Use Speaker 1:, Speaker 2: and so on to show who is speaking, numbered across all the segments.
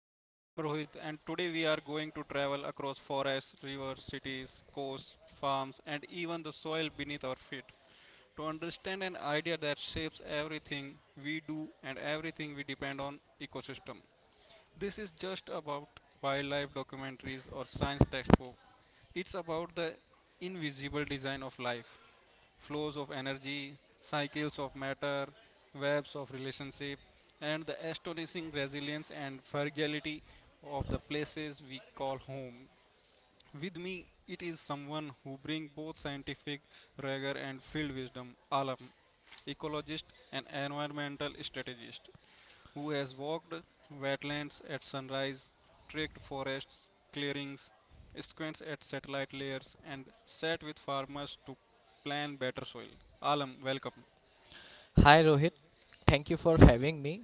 Speaker 1: Hi, I am Rohit, and today we are going to travel across forests, rivers, cities, coasts, farms, and even the soil beneath our feet to understand an idea that shapes everything we do and everything we depend on ecosystem. This is just about wildlife documentaries or science textbook. It's about the invisible design of life flows of energy, cycles of matter, webs of relationship, and the astonishing resilience and fragility of the places we call home. With me, it is someone who brings both scientific rigor and field wisdom, Alam, ecologist and environmental strategist who has walked wetlands at sunrise, trekked forests, clearings, squints at satellite layers, and sat with farmers to plan better soil. Alam, welcome.
Speaker 2: Hi Rohit, thank you for having me.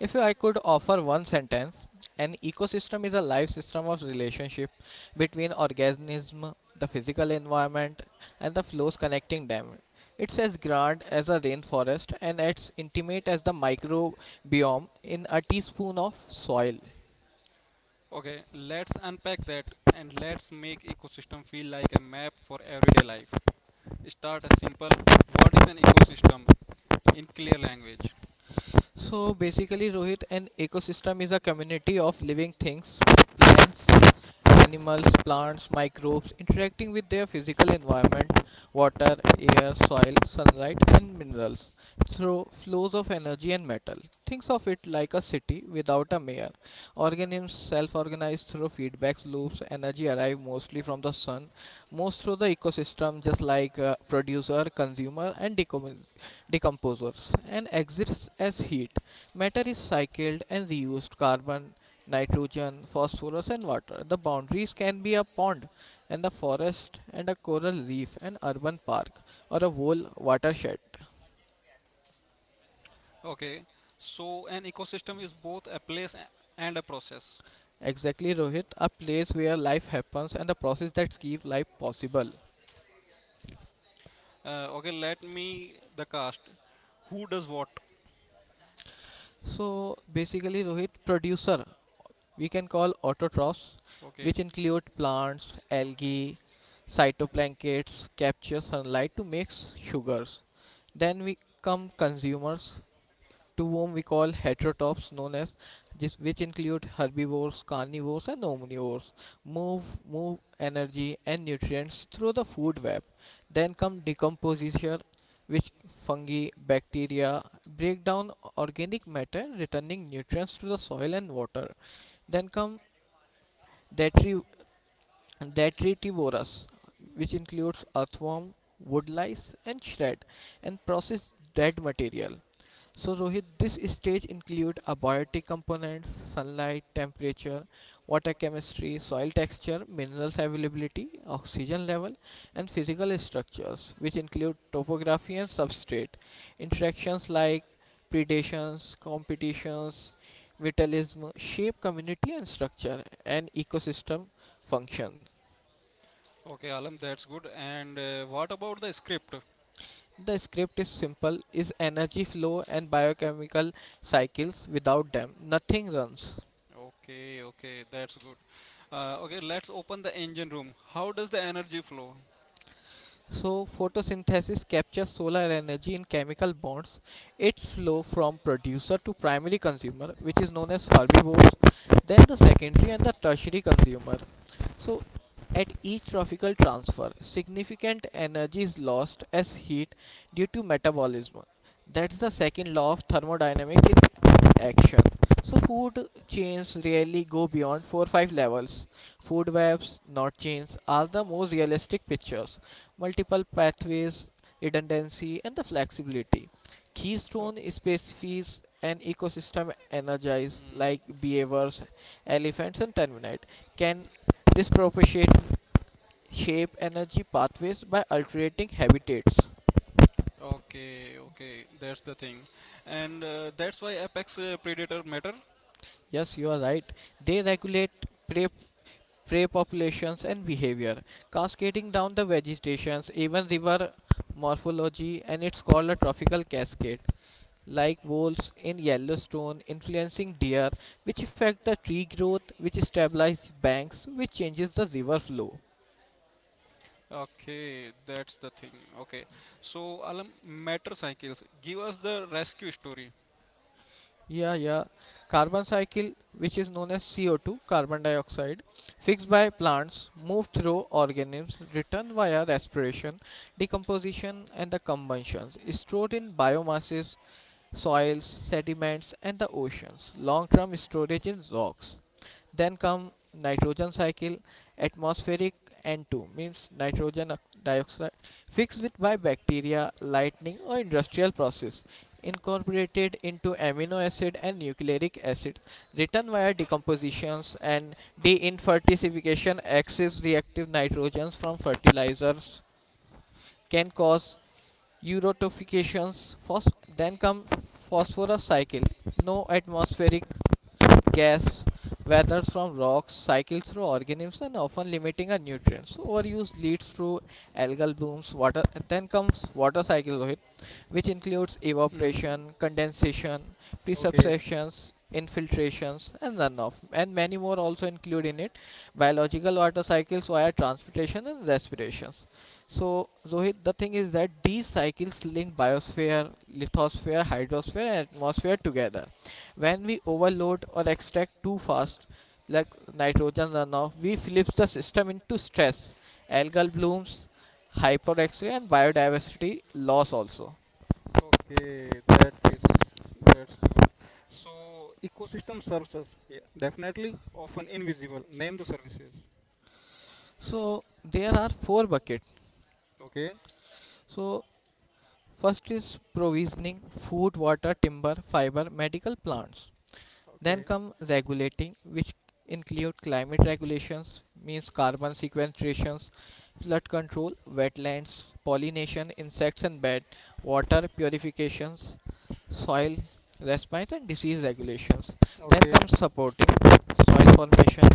Speaker 2: If I could offer one sentence, an ecosystem is a life system of relationship between organism, the physical environment, and the flows connecting them. It's as grand as a rainforest and as intimate as the microbiome in a teaspoon of soil.
Speaker 1: Okay, let's unpack that and let's make ecosystem feel like a map for everyday life. Start as simple. What is an ecosystem in clear language?
Speaker 2: So basically, Rohit, an ecosystem is a community of living things, plants, animals, plants, microbes interacting with their physical environment, water, air, soil, sunlight, and minerals through flows of energy and metal. Think of it like a city without a mayor. Organisms self organize through feedback loops, energy arrives mostly from the sun, most through the ecosystem, just like producer, consumer, and decomposers, and exists as heat. Matter is cycled and reused. Carbon nitrogen, phosphorus, and water. The boundaries can be a pond and a forest and a coral reef, an urban park, or a whole watershed.
Speaker 1: Okay, so an ecosystem is both a place and a process.
Speaker 2: Exactly, Rohit, a place where life happens and the process that keep life possible.
Speaker 1: Okay, let me the cast. Who does what?
Speaker 2: So basically, Rohit, producer we can call autotrophs,
Speaker 1: Okay.
Speaker 2: which include plants, algae, phytoplanktons capture sunlight to make sugars. Then we come consumers, to whom we call heterotrophs, known as this, which include herbivores carnivores and omnivores move move energy and nutrients through the food web, then come decomposition, which fungi bacteria break down organic matter returning nutrients to the soil and water, then come detri- detritivorous, which includes earthworm woodlice, and shred and process dead material. So Rohit, this stage include abiotic components, sunlight, temperature, water chemistry, soil texture, minerals availability, oxygen level, and physical structures, which include topography and substrate, interactions like predations, competitions, vitalism, shape community and structure, and ecosystem functions.
Speaker 1: Okay, Alam, that's good. And what about the script?
Speaker 2: The script is simple, is energy flow and biochemical cycles. Without them, nothing runs.
Speaker 1: Okay, okay, that's good. Okay, let's open the engine room. How does the energy flow?
Speaker 2: So, photosynthesis captures solar energy in chemical bonds. Its flow from producer to primary consumer, which is known as herbivores, then the secondary and the tertiary consumer. So, at each trophical transfer, significant energy is lost as heat due to metabolism. That's the second law of thermodynamics in action. So food chains rarely go beyond 4-5 or five levels. Food webs, not chains, are the most realistic pictures. Multiple pathways, redundancy and the flexibility.
Speaker 1: Oh,
Speaker 2: Keystone species and ecosystem energize
Speaker 1: mm,
Speaker 2: like beavers, elephants and terminate can disproportionate shape energy pathways by altering habitats.
Speaker 1: okay, okay, that's the thing. And that's why apex predator matter.
Speaker 2: Yes, you are right. They regulate prey prey populations and behavior, cascading down the vegetations, even river morphology, and it's called a trophical cascade, like wolves in Yellowstone influencing deer, which affect the tree growth, which stabilizes banks, which changes the river flow.
Speaker 1: Okay, that's the thing. Okay, so Alam, matter cycles. Give us the rescue story.
Speaker 2: Yeah, yeah. Carbon cycle, which is known as CO2, carbon dioxide, fixed by plants, moved through organisms, returned via respiration, decomposition, and the combustions, stored in biomasses, soils, sediments and the oceans. Long-term storage in rocks. Then come nitrogen cycle, atmospheric N2 means nitrogen dioxide fixed with by bacteria, lightning or industrial process incorporated into amino acid and nucleic acid. Return via decompositions and deinfertilification excess reactive nitrogens from fertilizers can cause eutrophications. Then come phosphorus cycle. No atmospheric gas weathers from rocks, cycle through organisms and often limiting a nutrient. So overuse leads to algal blooms, water, then comes water cycle, right? Which includes
Speaker 1: Mm.
Speaker 2: evaporation, condensation,
Speaker 1: Okay.
Speaker 2: precipitations, infiltrations and runoff and many more also include in it, biological water cycles via transpiration and respirations. So Rohit, the thing is that these cycles link biosphere, lithosphere, hydrosphere and atmosphere together. When we overload or extract too fast, like nitrogen runoff, we flip the system into stress, algal blooms, hyperexia and biodiversity loss also.
Speaker 1: Okay, that is that's good. So ecosystem services, yeah, definitely often invisible. Name the services.
Speaker 2: So there are four buckets.
Speaker 1: Okay,
Speaker 2: So first is provisioning food, water, timber, fiber, medical plants. Then
Speaker 1: okay,
Speaker 2: come regulating, which include climate regulations, means carbon sequestrations, flood control, wetlands, pollination, insects and bed, water purifications, soil response and disease regulations. Then
Speaker 1: okay,
Speaker 2: comes supporting soil
Speaker 1: mm,
Speaker 2: formation,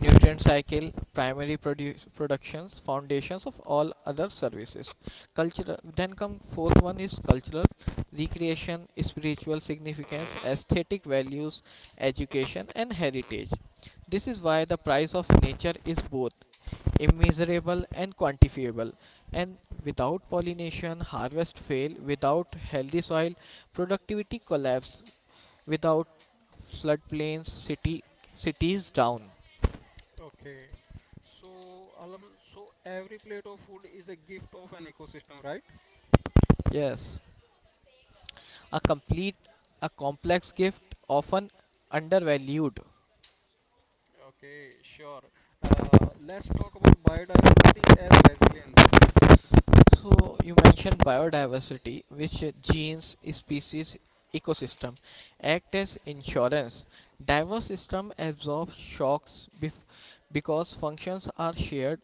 Speaker 2: nutrient cycle, productions, foundations of all other services. Cultural. Then come fourth one is cultural, recreation, spiritual significance, aesthetic values, education, and heritage. This is why the price of nature is both immeasurable and quantifiable. And without pollination, harvest fail. Without healthy soil, productivity collapse. Without floodplains, city cities down.
Speaker 1: okay. So Alam, so every plate of food is a gift of an ecosystem, right?
Speaker 2: Yes. A complete, a complex gift often undervalued.
Speaker 1: Okay, sure. Let's talk about biodiversity as resilience.
Speaker 2: So you mentioned biodiversity, which genes, species, ecosystem act as insurance. Diverse system absorb because functions are shared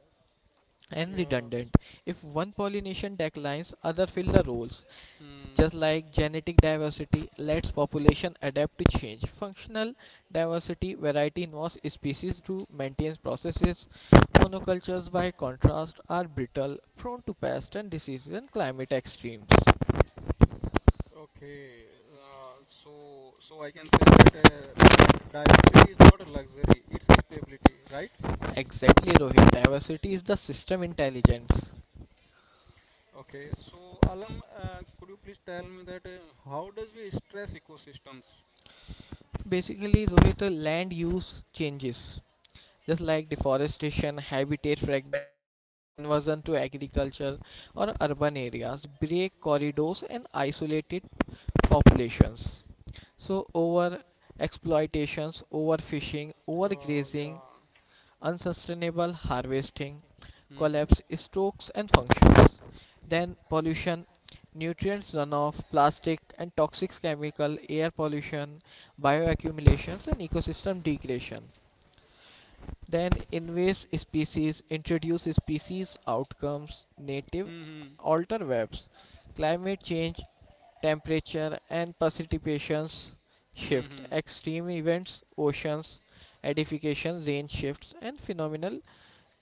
Speaker 2: and
Speaker 1: Yes.
Speaker 2: redundant. If one pollination declines, other fill the roles.
Speaker 1: Hmm.
Speaker 2: Just like genetic diversity lets population adapt to change, functional diversity variety involves species to maintain processes. Monocultures, by contrast, are brittle, prone to pests and diseases and climate extremes.
Speaker 1: Okay, so so I can say that bi- diversity is not a luxury; it's stability, right?
Speaker 2: Exactly, Rohit. Diversity is the system intelligence.
Speaker 1: Okay, so Alam, could you please tell me that how does we stress ecosystems?
Speaker 2: Basically, Rohit, land use changes. Just like deforestation, habitat fragmentations, conversion to agriculture or urban areas, break corridors and isolated populations. So over exploitations, overfishing,
Speaker 1: Oh,
Speaker 2: overgrazing,
Speaker 1: yeah.
Speaker 2: unsustainable harvesting,
Speaker 1: Mm-hmm.
Speaker 2: collapse stocks and functions. Then pollution, nutrients runoff, plastic and toxic chemical, air pollution, bioaccumulations and ecosystem degradation. Then invasive species, introduce species outcomes, native
Speaker 1: Mm-hmm.
Speaker 2: alter webs, climate change, temperature and precipitations shift,
Speaker 1: Mm-hmm.
Speaker 2: extreme events, oceans, edification, rain shifts, and phenomenal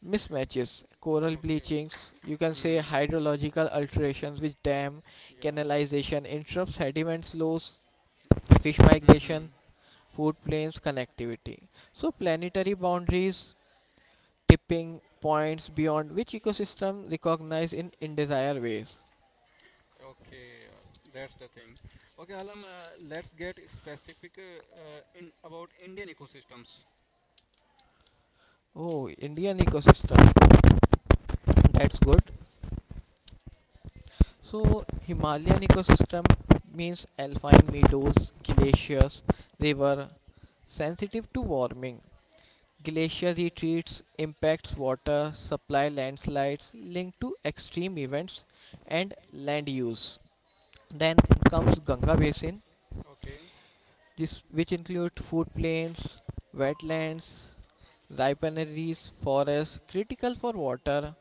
Speaker 2: mismatches, coral
Speaker 1: Okay.
Speaker 2: bleachings, you can say
Speaker 1: Hmm.
Speaker 2: hydrological alterations which dam,
Speaker 1: Yeah.
Speaker 2: canalization, interrupt sediment flows, fish migration,
Speaker 1: Mm-hmm.
Speaker 2: food plains connectivity. So planetary boundaries, tipping points beyond which ecosystem recognize in indesire ways.
Speaker 1: Okay, that's the thing. Okay, Alam, let's get specific in about Indian ecosystems.
Speaker 2: Oh, Indian ecosystem. That's good. So, Himalayan ecosystem means alpine meadows, glaciers, river sensitive to warming. Glacier retreats impacts water supply, landslides linked to extreme events and land use. Then comes Ganga basin,
Speaker 1: Okay.
Speaker 2: this, which includes food plains, wetlands, riparians, forests critical for water,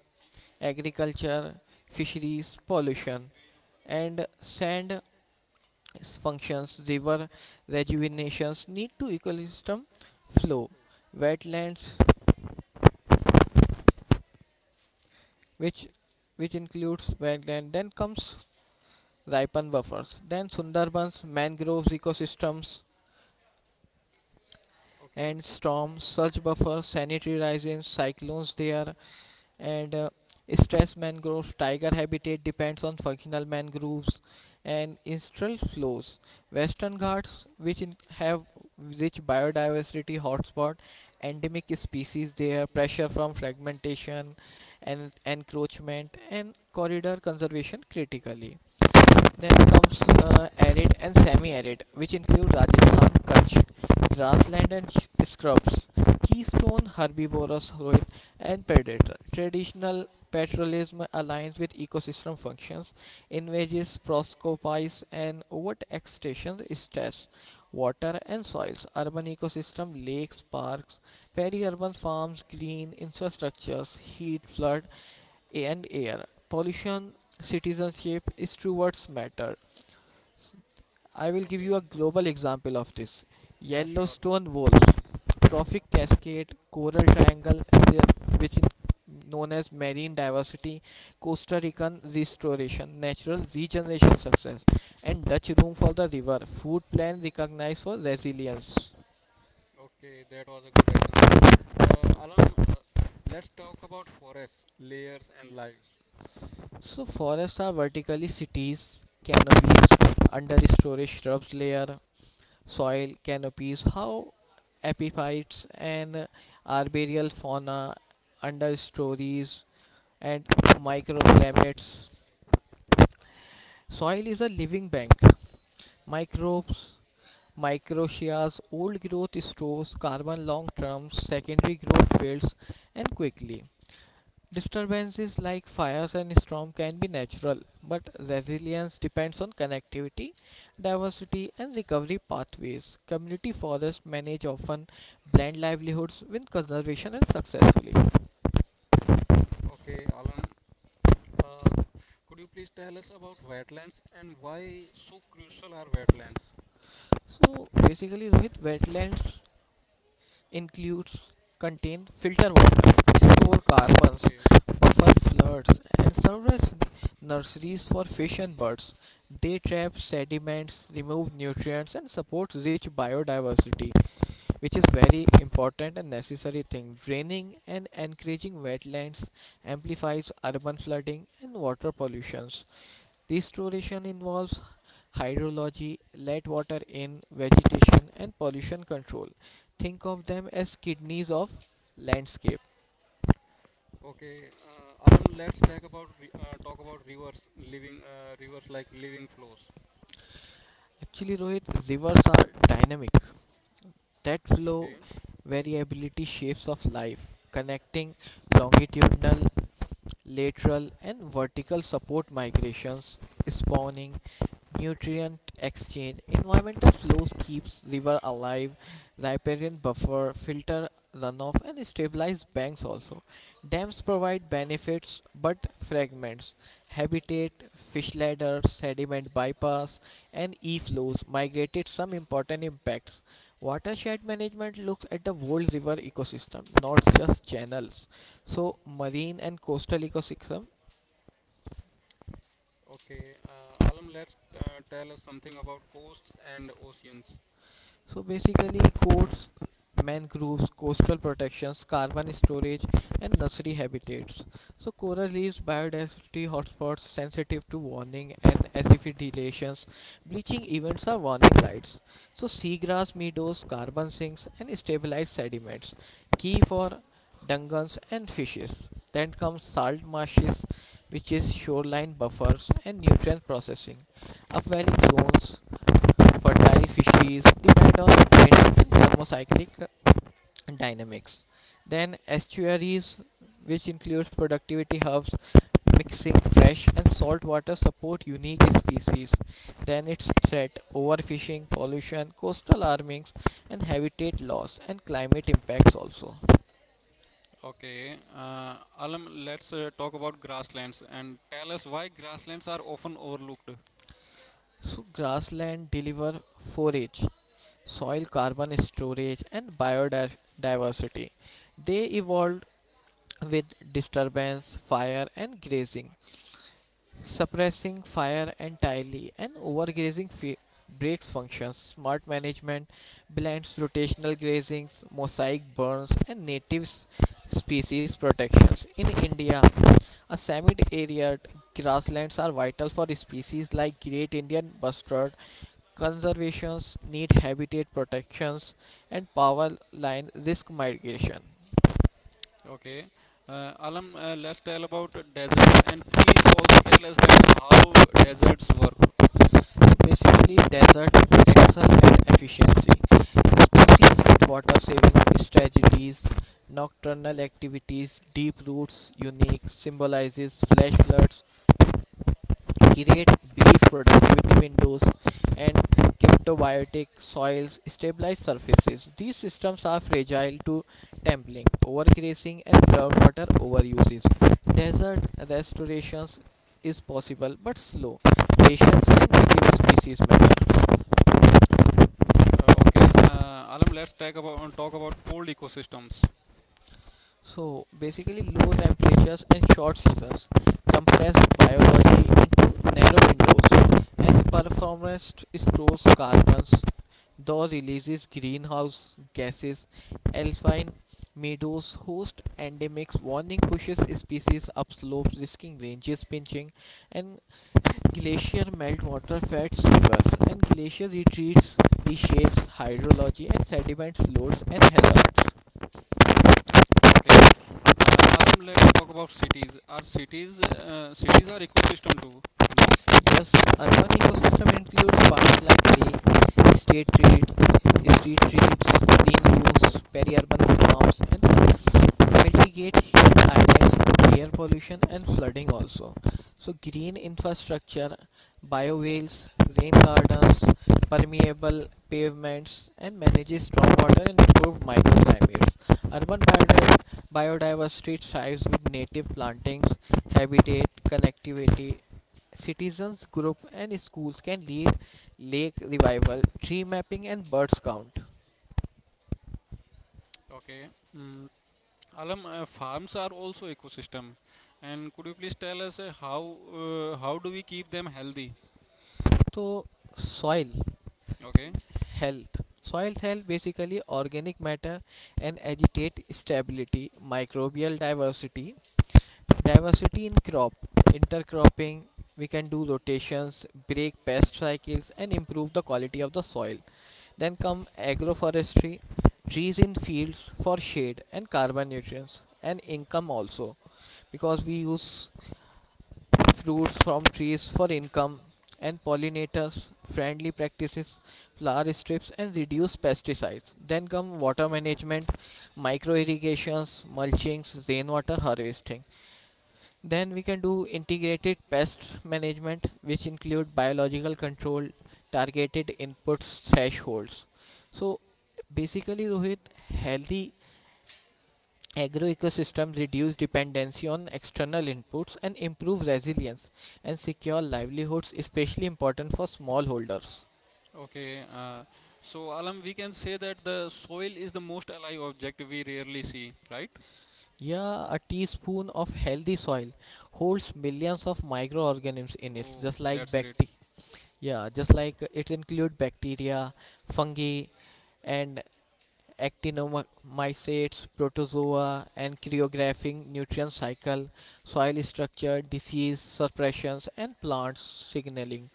Speaker 2: agriculture, fisheries, pollution, and sand functions, river rejuvenations need to ecosystem flow, wetlands, which which includes wetland, then comes ripon buffers, then sundarbans mangroves ecosystems
Speaker 1: Okay.
Speaker 2: and storm surge buffers, sanitary risings, cyclones they are, and stress mangroves, tiger habitat depends on functional mangroves and instral flows. Western ghats, have rich biodiversity hotspot, endemic species there, pressure from fragmentation and encroachment, and corridor conservation critically. Then comes arid and semi-arid, which include Rajasthan, Kutch, grassland and scrubs, keystone herbivorous, soil and predator. Traditional pastoralism aligns with ecosystem functions, invages, proscopies and overextension stress water and soils. Urban ecosystem lakes, parks, peri-urban farms, green infrastructures, heat, flood and air. Pollution, citizenship, is towards matter. I will give
Speaker 1: Okay
Speaker 2: you a global
Speaker 1: to
Speaker 2: example of this.
Speaker 1: it. Yeah, sure.
Speaker 2: Yellowstone wolves, trophic cascade, coral triangle, the- which is known as marine diversity, Costa Rican restoration, natural regeneration success, and Dutch room for the river, food plan recognized for resilience.
Speaker 1: Okay, that was a good example. Alam, let's talk about forests, layers, and lives.
Speaker 2: So forests are vertically cities, canopies, under storage shrubs layer, soil canopies, how epiphytes and arboreal fauna, understories, and microplankton. Soil is a living bank. Microbes, microchias, old growth stores carbon long term, secondary growth builds and quickly. Disturbances like fires and storm can be natural, but resilience depends on connectivity, diversity, and recovery pathways. Community forests manage often blend livelihoods with conservation and successfully.
Speaker 1: Okay, Alam, uh, could you please tell us about wetlands and why so crucial are wetlands?
Speaker 2: So basically, Rohit, wetlands includes contain filter water, store carbons,
Speaker 1: Okay,
Speaker 2: buffer floods, and serve as nurseries for fish and birds. They trap sediments, remove nutrients, and support rich biodiversity, which is very important and necessary thing. Draining and encouraging wetlands amplifies urban flooding and water pollutions. Restoration involves hydrology, let water in, vegetation and pollution control. Think of them as kidneys of landscape.
Speaker 1: okay. Alam, let's talk about talk about rivers, living rivers like living flows.
Speaker 2: Actually Rohit, rivers are dynamic. That
Speaker 1: Okay.
Speaker 2: flow variability shapes of life, connecting longitudinal, lateral and vertical support migrations, spawning, nutrient exchange. Environmental flows keeps river alive, riparian buffer, filter runoff and stabilize banks also. Dams provide benefits but fragments. Habitat, fish ladder, sediment bypass and e-flows migrated some important impacts. Watershed management looks at the whole river ecosystem, not just channels. So marine and coastal ecosystem.
Speaker 1: Okay, Alam, let's tell us something about coasts and oceans.
Speaker 2: So basically, courts, mangroves, coastal protections, carbon storage, and nursery habitats. So coral reefs, biodiversity hotspots sensitive to warming and acidifications. Bleaching events are warning lights. So seagrass meadows, carbon sinks, and stabilized sediments. Key for dugongs and fishes. Then comes salt marshes, which is shoreline buffers and nutrient processing. Upwelling zones, fertile fisheries depend on wind and thermocyclic dynamics. Then estuaries, which includes productivity hubs, mixing fresh and salt water support unique species. Then its threat, overfishing, pollution, coastal armings and habitat loss and climate impacts also.
Speaker 1: Okay, Alam, let's talk about grasslands and tell us why grasslands are often overlooked.
Speaker 2: So grassland deliver forage, soil carbon storage and biodiversity. They evolved with disturbance, fire, and grazing. Suppressing fire entirely and overgrazing breaks functions. Smart management blends rotational grazings, mosaic burns, and native species protections. In India, a semi arid grasslands are vital for species like great Indian bustard. Conservations need habitat protections and power line risk mitigation.
Speaker 1: Okay, Alam, let's tell about deserts and please also tell us that how deserts work.
Speaker 2: Basically, desert excel at efficiency. Species with water saving strategies, nocturnal activities, deep roots, unique symbolizes, flash floods, create brief productivity windows, and cryptobiotic soils stabilize surfaces. These systems are fragile to templing, overgrazing, and groundwater overuses. Desert restorations is possible but slow. Patience and native species matter.
Speaker 1: Okay, Alam, let's talk about cold ecosystems.
Speaker 2: So basically, low temperatures and short seasons compress biology into narrow windows, and performance stores carbons, though releases greenhouse gases. Alpine meadows host endemics, warning pushes species upslope, risking ranges pinching, and glacier meltwater feds rivers, and glacier retreats reshapes hydrology and sediments loads and hazards.
Speaker 1: Okay, Alam, let's talk about cities. Are cities cities are ecosystem too? No.
Speaker 2: Thus, urban ecosystem includes parks like lake, state street, street trees, green roofs, peri-urban farms, and mitigate heat islands, air pollution, and flooding also. So, green infrastructure, biowheels, rain gardens, permeable pavements, and manages stormwater and improve microclimates. Urban biodiversity thrives with native plantings, habitat, connectivity. Citizens group and schools can lead lake revival, tree mapping, and birds count.
Speaker 1: Okay. Mm. Alam, farms are also ecosystem, and could you please tell us how do we keep them healthy?
Speaker 2: So, soil.
Speaker 1: Okay,
Speaker 2: Health. Soil health basically organic matter and agitate stability, microbial diversity, diversity in crop, intercropping, we can do rotations, break pest cycles and improve the quality of the soil. Then come agroforestry, trees in fields for shade and carbon nutrients and income also because we use fruits from trees for income, and pollinators, friendly practices, flower strips, and reduce pesticides. Then come water management, micro irrigations, mulchings, rainwater harvesting. Then we can do integrated pest management, which include biological control, targeted inputs, thresholds. So basically, Rohit, healthy Agroecosystems reduce dependency on external inputs and improve resilience and secure livelihoods, especially important for smallholders.
Speaker 1: okay. So Alam, we can say that the soil is the most alive object we rarely see, right?
Speaker 2: Yeah, a teaspoon of healthy soil holds millions of microorganisms in it,
Speaker 1: Oh,
Speaker 2: just like
Speaker 1: that's great.
Speaker 2: bacteria. Yeah, just like it includes bacteria, fungi, and actinomycetes, protozoa, and choreographing nutrient cycle, soil structure, disease suppressions, and plant signaling.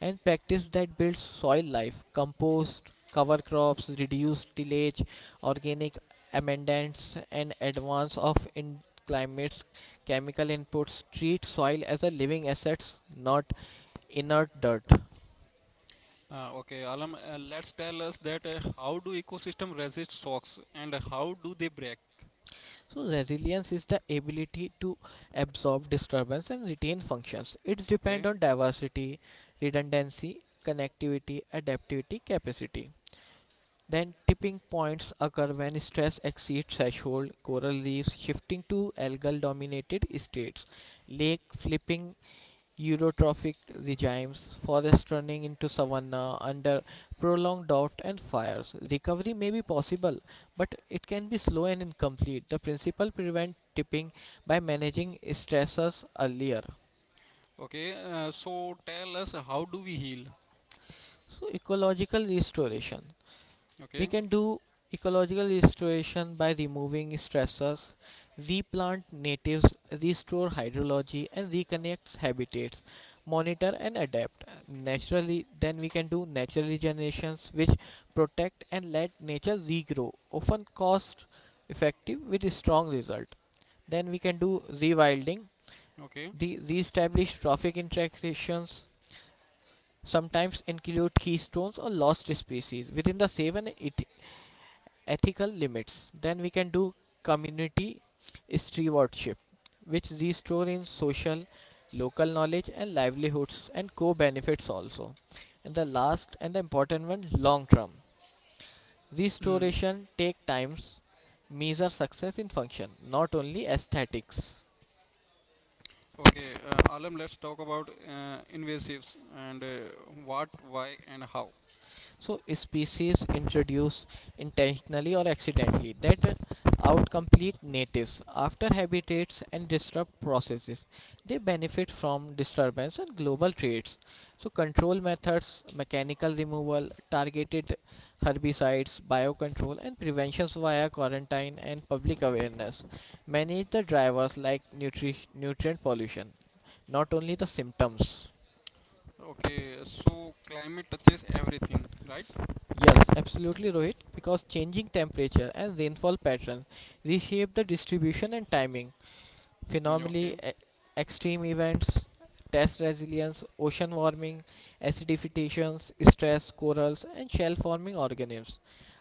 Speaker 2: And practice that builds soil life compost cover crops reduced tillage organic amendments and advance of in climates chemical inputs treat soil as a living assets, not inert dirt.
Speaker 1: Okay, Alam, let's tell us that how do ecosystem resist shocks and how do they break?
Speaker 2: So resilience is the ability to absorb disturbance and retain functions. It's
Speaker 1: Okay,
Speaker 2: depend on diversity, redundancy, connectivity, adaptivity capacity. Then tipping points occur when stress exceeds threshold, coral reefs shifting to algal dominated states, lake flipping eutrophic regimes, forests turning into savanna under prolonged drought and fires. Recovery may be possible, but it can be slow and incomplete. The principle prevent tipping by managing stressors earlier.
Speaker 1: okay. So tell us how do we heal?
Speaker 2: So ecological restoration. We
Speaker 1: Okay,
Speaker 2: can do ecological restoration by removing stressors, replant natives, restore hydrology, and reconnect habitats, monitor and adapt naturally. Then we can do natural regenerations, which protect and let nature regrow, often cost effective with a strong result. Then we can do rewilding,
Speaker 1: okay.
Speaker 2: the reestablish trophic interactions sometimes include keystones or lost species within the safe and ethical limits. Then we can do community stewardship, which restore in social, local knowledge and livelihoods and co-benefits also. And the last and the important one, long term.
Speaker 1: Mm.
Speaker 2: Restoration take times, measure success in function, not only aesthetics.
Speaker 1: Okay, Alam, let's talk about invasives and what, why, and how.
Speaker 2: So species introduced intentionally or accidentally that outcompete natives after habitats and disrupt processes. They benefit from disturbance and global trades. So control methods, mechanical removal, targeted herbicides, biocontrol and preventions via quarantine and public awareness. Manage the drivers like nutrient pollution, not only the symptoms.
Speaker 1: Okay, so climate touches everything, right?
Speaker 2: Yes, absolutely, Rohit, because changing temperature and rainfall patterns reshape the distribution and timing.
Speaker 1: Mm.
Speaker 2: Phenomenally,
Speaker 1: Okay,
Speaker 2: extreme events, test resilience, ocean warming, acidifications, stress, corals, and shell forming organisms.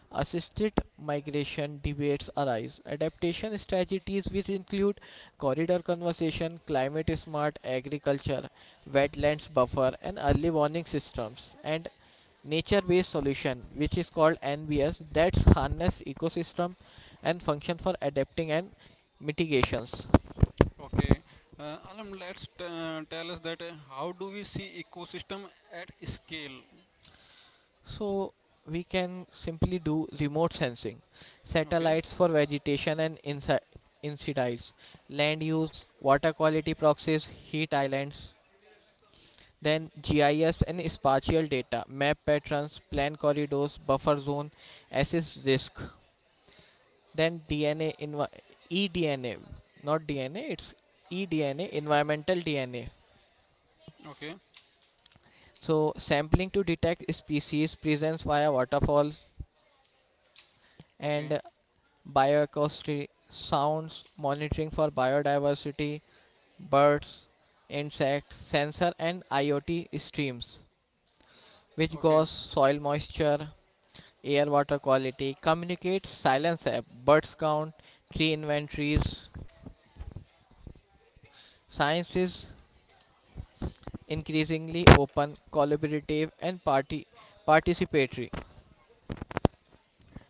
Speaker 2: Assisted migration debates arise. Adaptation strategies, which include corridor conservation, climate smart agriculture, wetlands buffer, and early warning systems, and nature based solution which is called NBS that's harness ecosystem and function for adapting and mitigations.
Speaker 1: okay. Alam, let's tell us that how do we see ecosystem at scale?
Speaker 2: So we can simply do remote sensing
Speaker 1: Okay,
Speaker 2: satellites for vegetation and land use water quality proxies heat islands. Then GIS and spatial data map patterns plan corridors buffer zone assess risk. Then DNA, eDNA, not DNA, it's eDNA, environmental DNA.
Speaker 1: okay,
Speaker 2: So, sampling to detect species presence via waterfall
Speaker 1: okay,
Speaker 2: and bioacoustic sounds, monitoring for biodiversity, birds, insects, sensor, and IoT streams, which
Speaker 1: okay,
Speaker 2: goes soil moisture, air water quality, communicate silence app, birds count, tree inventories. Science is increasingly open, collaborative, and party participatory.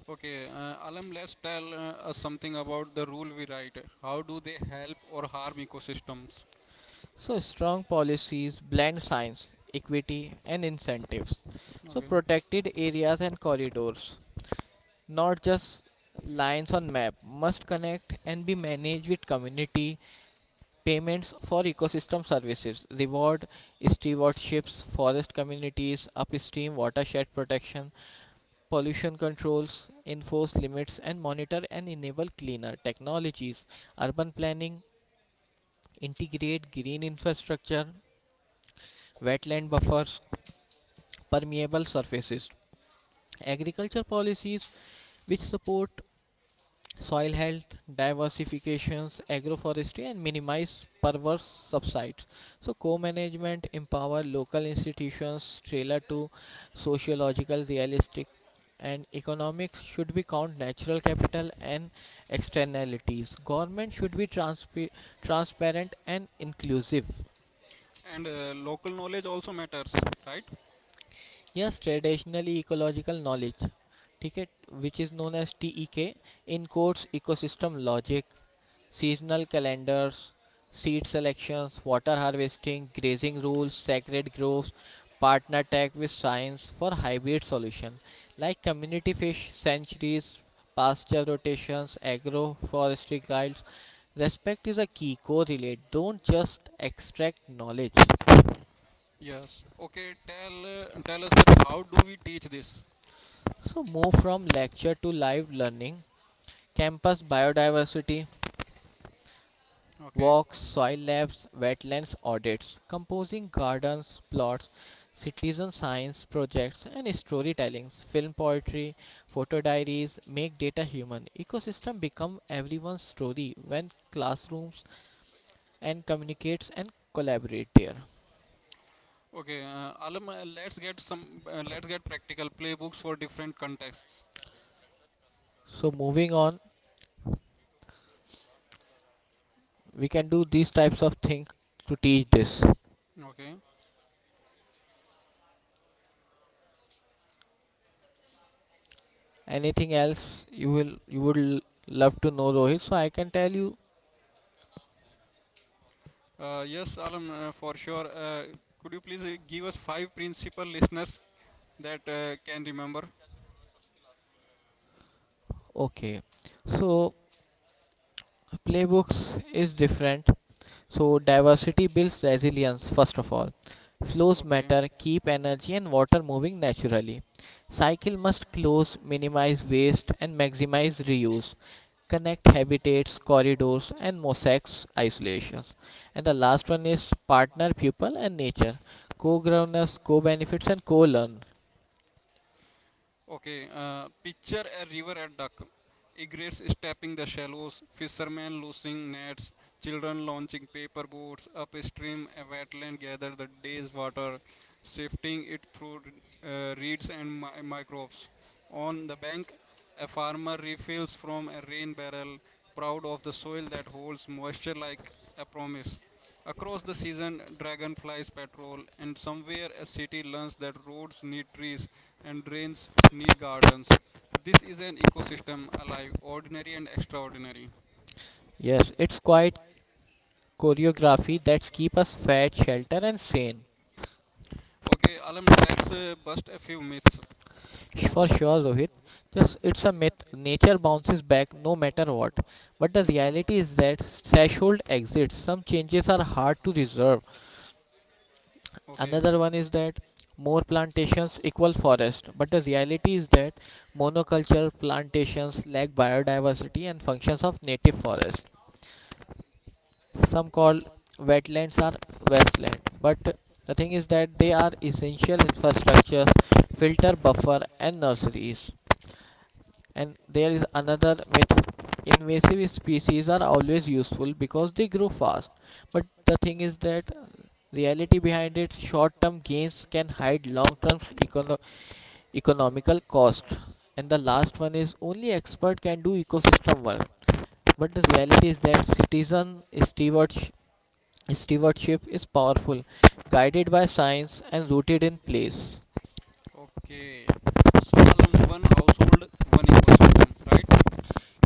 Speaker 1: okay. Alam, let's tell us something about the rule we write. How do they help or harm ecosystems?
Speaker 2: So strong policies blend science, equity, and incentives. So
Speaker 1: Okay,
Speaker 2: protected areas and corridors, not just lines on map, must connect and be managed with community payments for ecosystem services, reward stewardships, forest communities, upstream watershed protection, pollution controls, enforce limits, and monitor and enable cleaner technologies. Urban planning integrate green infrastructure, wetland buffers, permeable surfaces. Agriculture policies which support soil health, diversifications, agroforestry, and minimize perverse subsides. So, co-management empower local institutions trailer to sociological, realistic, and economics should be count natural capital and externalities. Government should be transparent and inclusive.
Speaker 1: and local knowledge also matters, right?
Speaker 2: Yes, traditionally ecological knowledge. ठीक है, which is known as TEK in course ecosystem logic, seasonal calendars, seed selections, water harvesting, grazing rules, sacred groves, partner tech with science for hybrid solution like community fish sanctuaries, pasture rotations, agroforestry guides. Respect is a key, correlate, don't just extract knowledge.
Speaker 1: Yes. Okay. Tell tell us that how do we teach this?
Speaker 2: So move from lecture to live learning, campus biodiversity,
Speaker 1: Okay.
Speaker 2: walks, soil labs, wetlands audits, composing gardens, plots, citizen science projects, and storytellings, film poetry, photo diaries make data human. Ecosystem become everyone's story when classrooms and communicates and collaborate there.
Speaker 1: Okay. Alam, let's get some. Let's get practical playbooks for different contexts.
Speaker 2: So moving on, we can do these types of things to teach this.
Speaker 1: Okay.
Speaker 2: Anything else you would love to know, Rohit? So I can tell you.
Speaker 1: Yes, Alam, for sure. Could you please give us 5 principal listeners that can remember?
Speaker 2: Okay, so playbooks is different. So diversity builds resilience first of all, flows
Speaker 1: Okay.
Speaker 2: matter, keep energy and water moving naturally, cycle must close, minimize waste and maximize reuse, connect habitats corridors and mosaics isolations, and the last one is partner people and nature, co-governance, co-benefits, and co-learn.
Speaker 1: Okay, picture a river at dusk. Egrets stepping the shallows, fishermen losing nets, children launching paper boats upstream, a wetland gathers the day's water, sifting it through reeds and microbes. On the bank, a farmer refills from a rain barrel, proud of the soil that holds moisture like a promise. Across the season, dragonflies patrol, and somewhere a city learns that roads need trees and drains need gardens. This is an ecosystem alive, ordinary and extraordinary.
Speaker 2: Yes, it's quite choreography that keep us fed shelter and sane.
Speaker 1: Okay, Alam, let's bust a few myths.
Speaker 2: For sure, Rohit. Just it's a myth. Nature bounces back no matter what. But the
Speaker 1: The okay,
Speaker 2: reality is that threshold exists. Some changes are hard to reserve. Another
Speaker 1: reverse.
Speaker 2: one is that more plantations equal forest. But the reality is that monoculture plantations lack biodiversity and functions of native forest. Some call wetlands are wasteland. But the thing is that they are essential infrastructures, filter buffer and nurseries. And there is another myth, invasive species are always useful because they grow fast. But the thing is that reality behind it short term gains can hide long term econo- economical cost. And the last one is only expert can do ecosystem work. But the reality is that stewardship is powerful, guided by science and rooted in place.
Speaker 1: Okay, okay. So, Alam, one household, one ecosystem, right?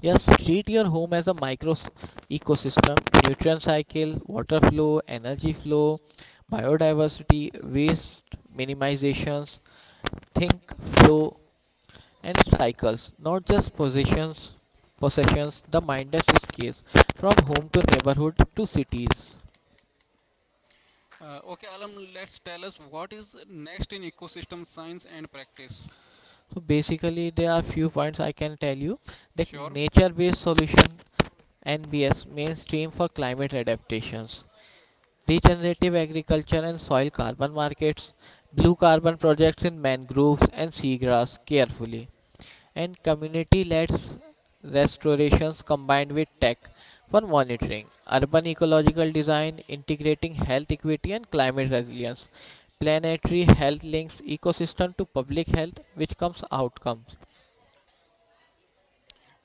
Speaker 2: Yes, treat your home as a ecosystem. Nutrient cycle, water flow, energy flow, biodiversity, waste minimizations, think, flow, and cycles, not just possessions. Possessions, the mindless case from home to neighborhood to cities.
Speaker 1: Okay, Alam, let's tell us what is next in ecosystem science and practice.
Speaker 2: So basically, there are few points I can tell you. The
Speaker 1: Sure.
Speaker 2: nature-based solution (NBS) mainstream for climate adaptations. Regenerative agriculture and soil carbon markets, blue carbon projects in mangroves and seagrass carefully, and community led restorations combined with tech for monitoring, urban ecological design, integrating health equity and climate resilience, planetary health links ecosystem to public health, which comes outcomes.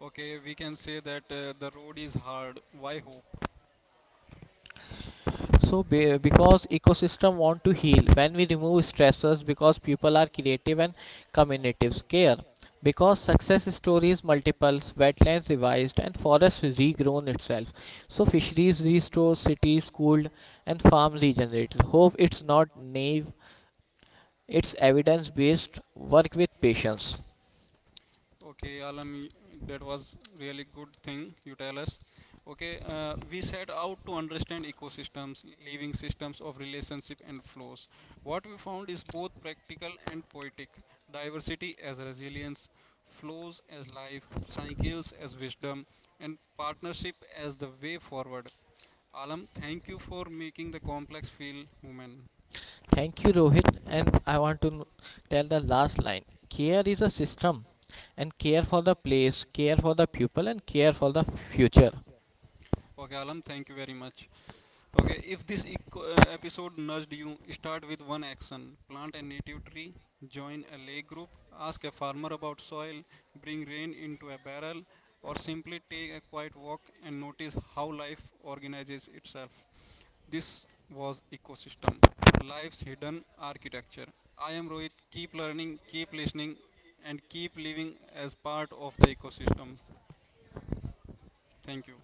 Speaker 1: Okay, we can say that the road is hard. Why hope?
Speaker 2: So because ecosystem want to heal when we remove stressors, because people are creative and communities care, because success stories multiples, wetlands revised and forests regrown itself, so fisheries restored, cities cooled, and farms regenerated. Hope it's not naive, it's evidence based work with patience.
Speaker 1: Okay, Alam, that was really good thing you tell us. Okay, we set out to understand ecosystems, living systems of relationship and flows. What we found is both practical and poetic. Diversity as resilience, flows as life, cycles as wisdom, and partnership as the way forward. Alam, thank you for making the complex feel human.
Speaker 2: Thank you, Rohit. And I want to tell the last line. Care is a system, and care for the place, care for the pupil, and care for the future.
Speaker 1: Okay, Alam, thank you very much. Okay, if this eco- episode nudged you, start with one action. Plant a native tree, join a lake group, ask a farmer about soil, bring rain into a barrel, or simply take a quiet walk and notice how life organizes itself. This was Ecosystem, Life's Hidden Architecture. I am Rohit. Keep learning, keep listening, and keep living as part of the ecosystem. Thank you.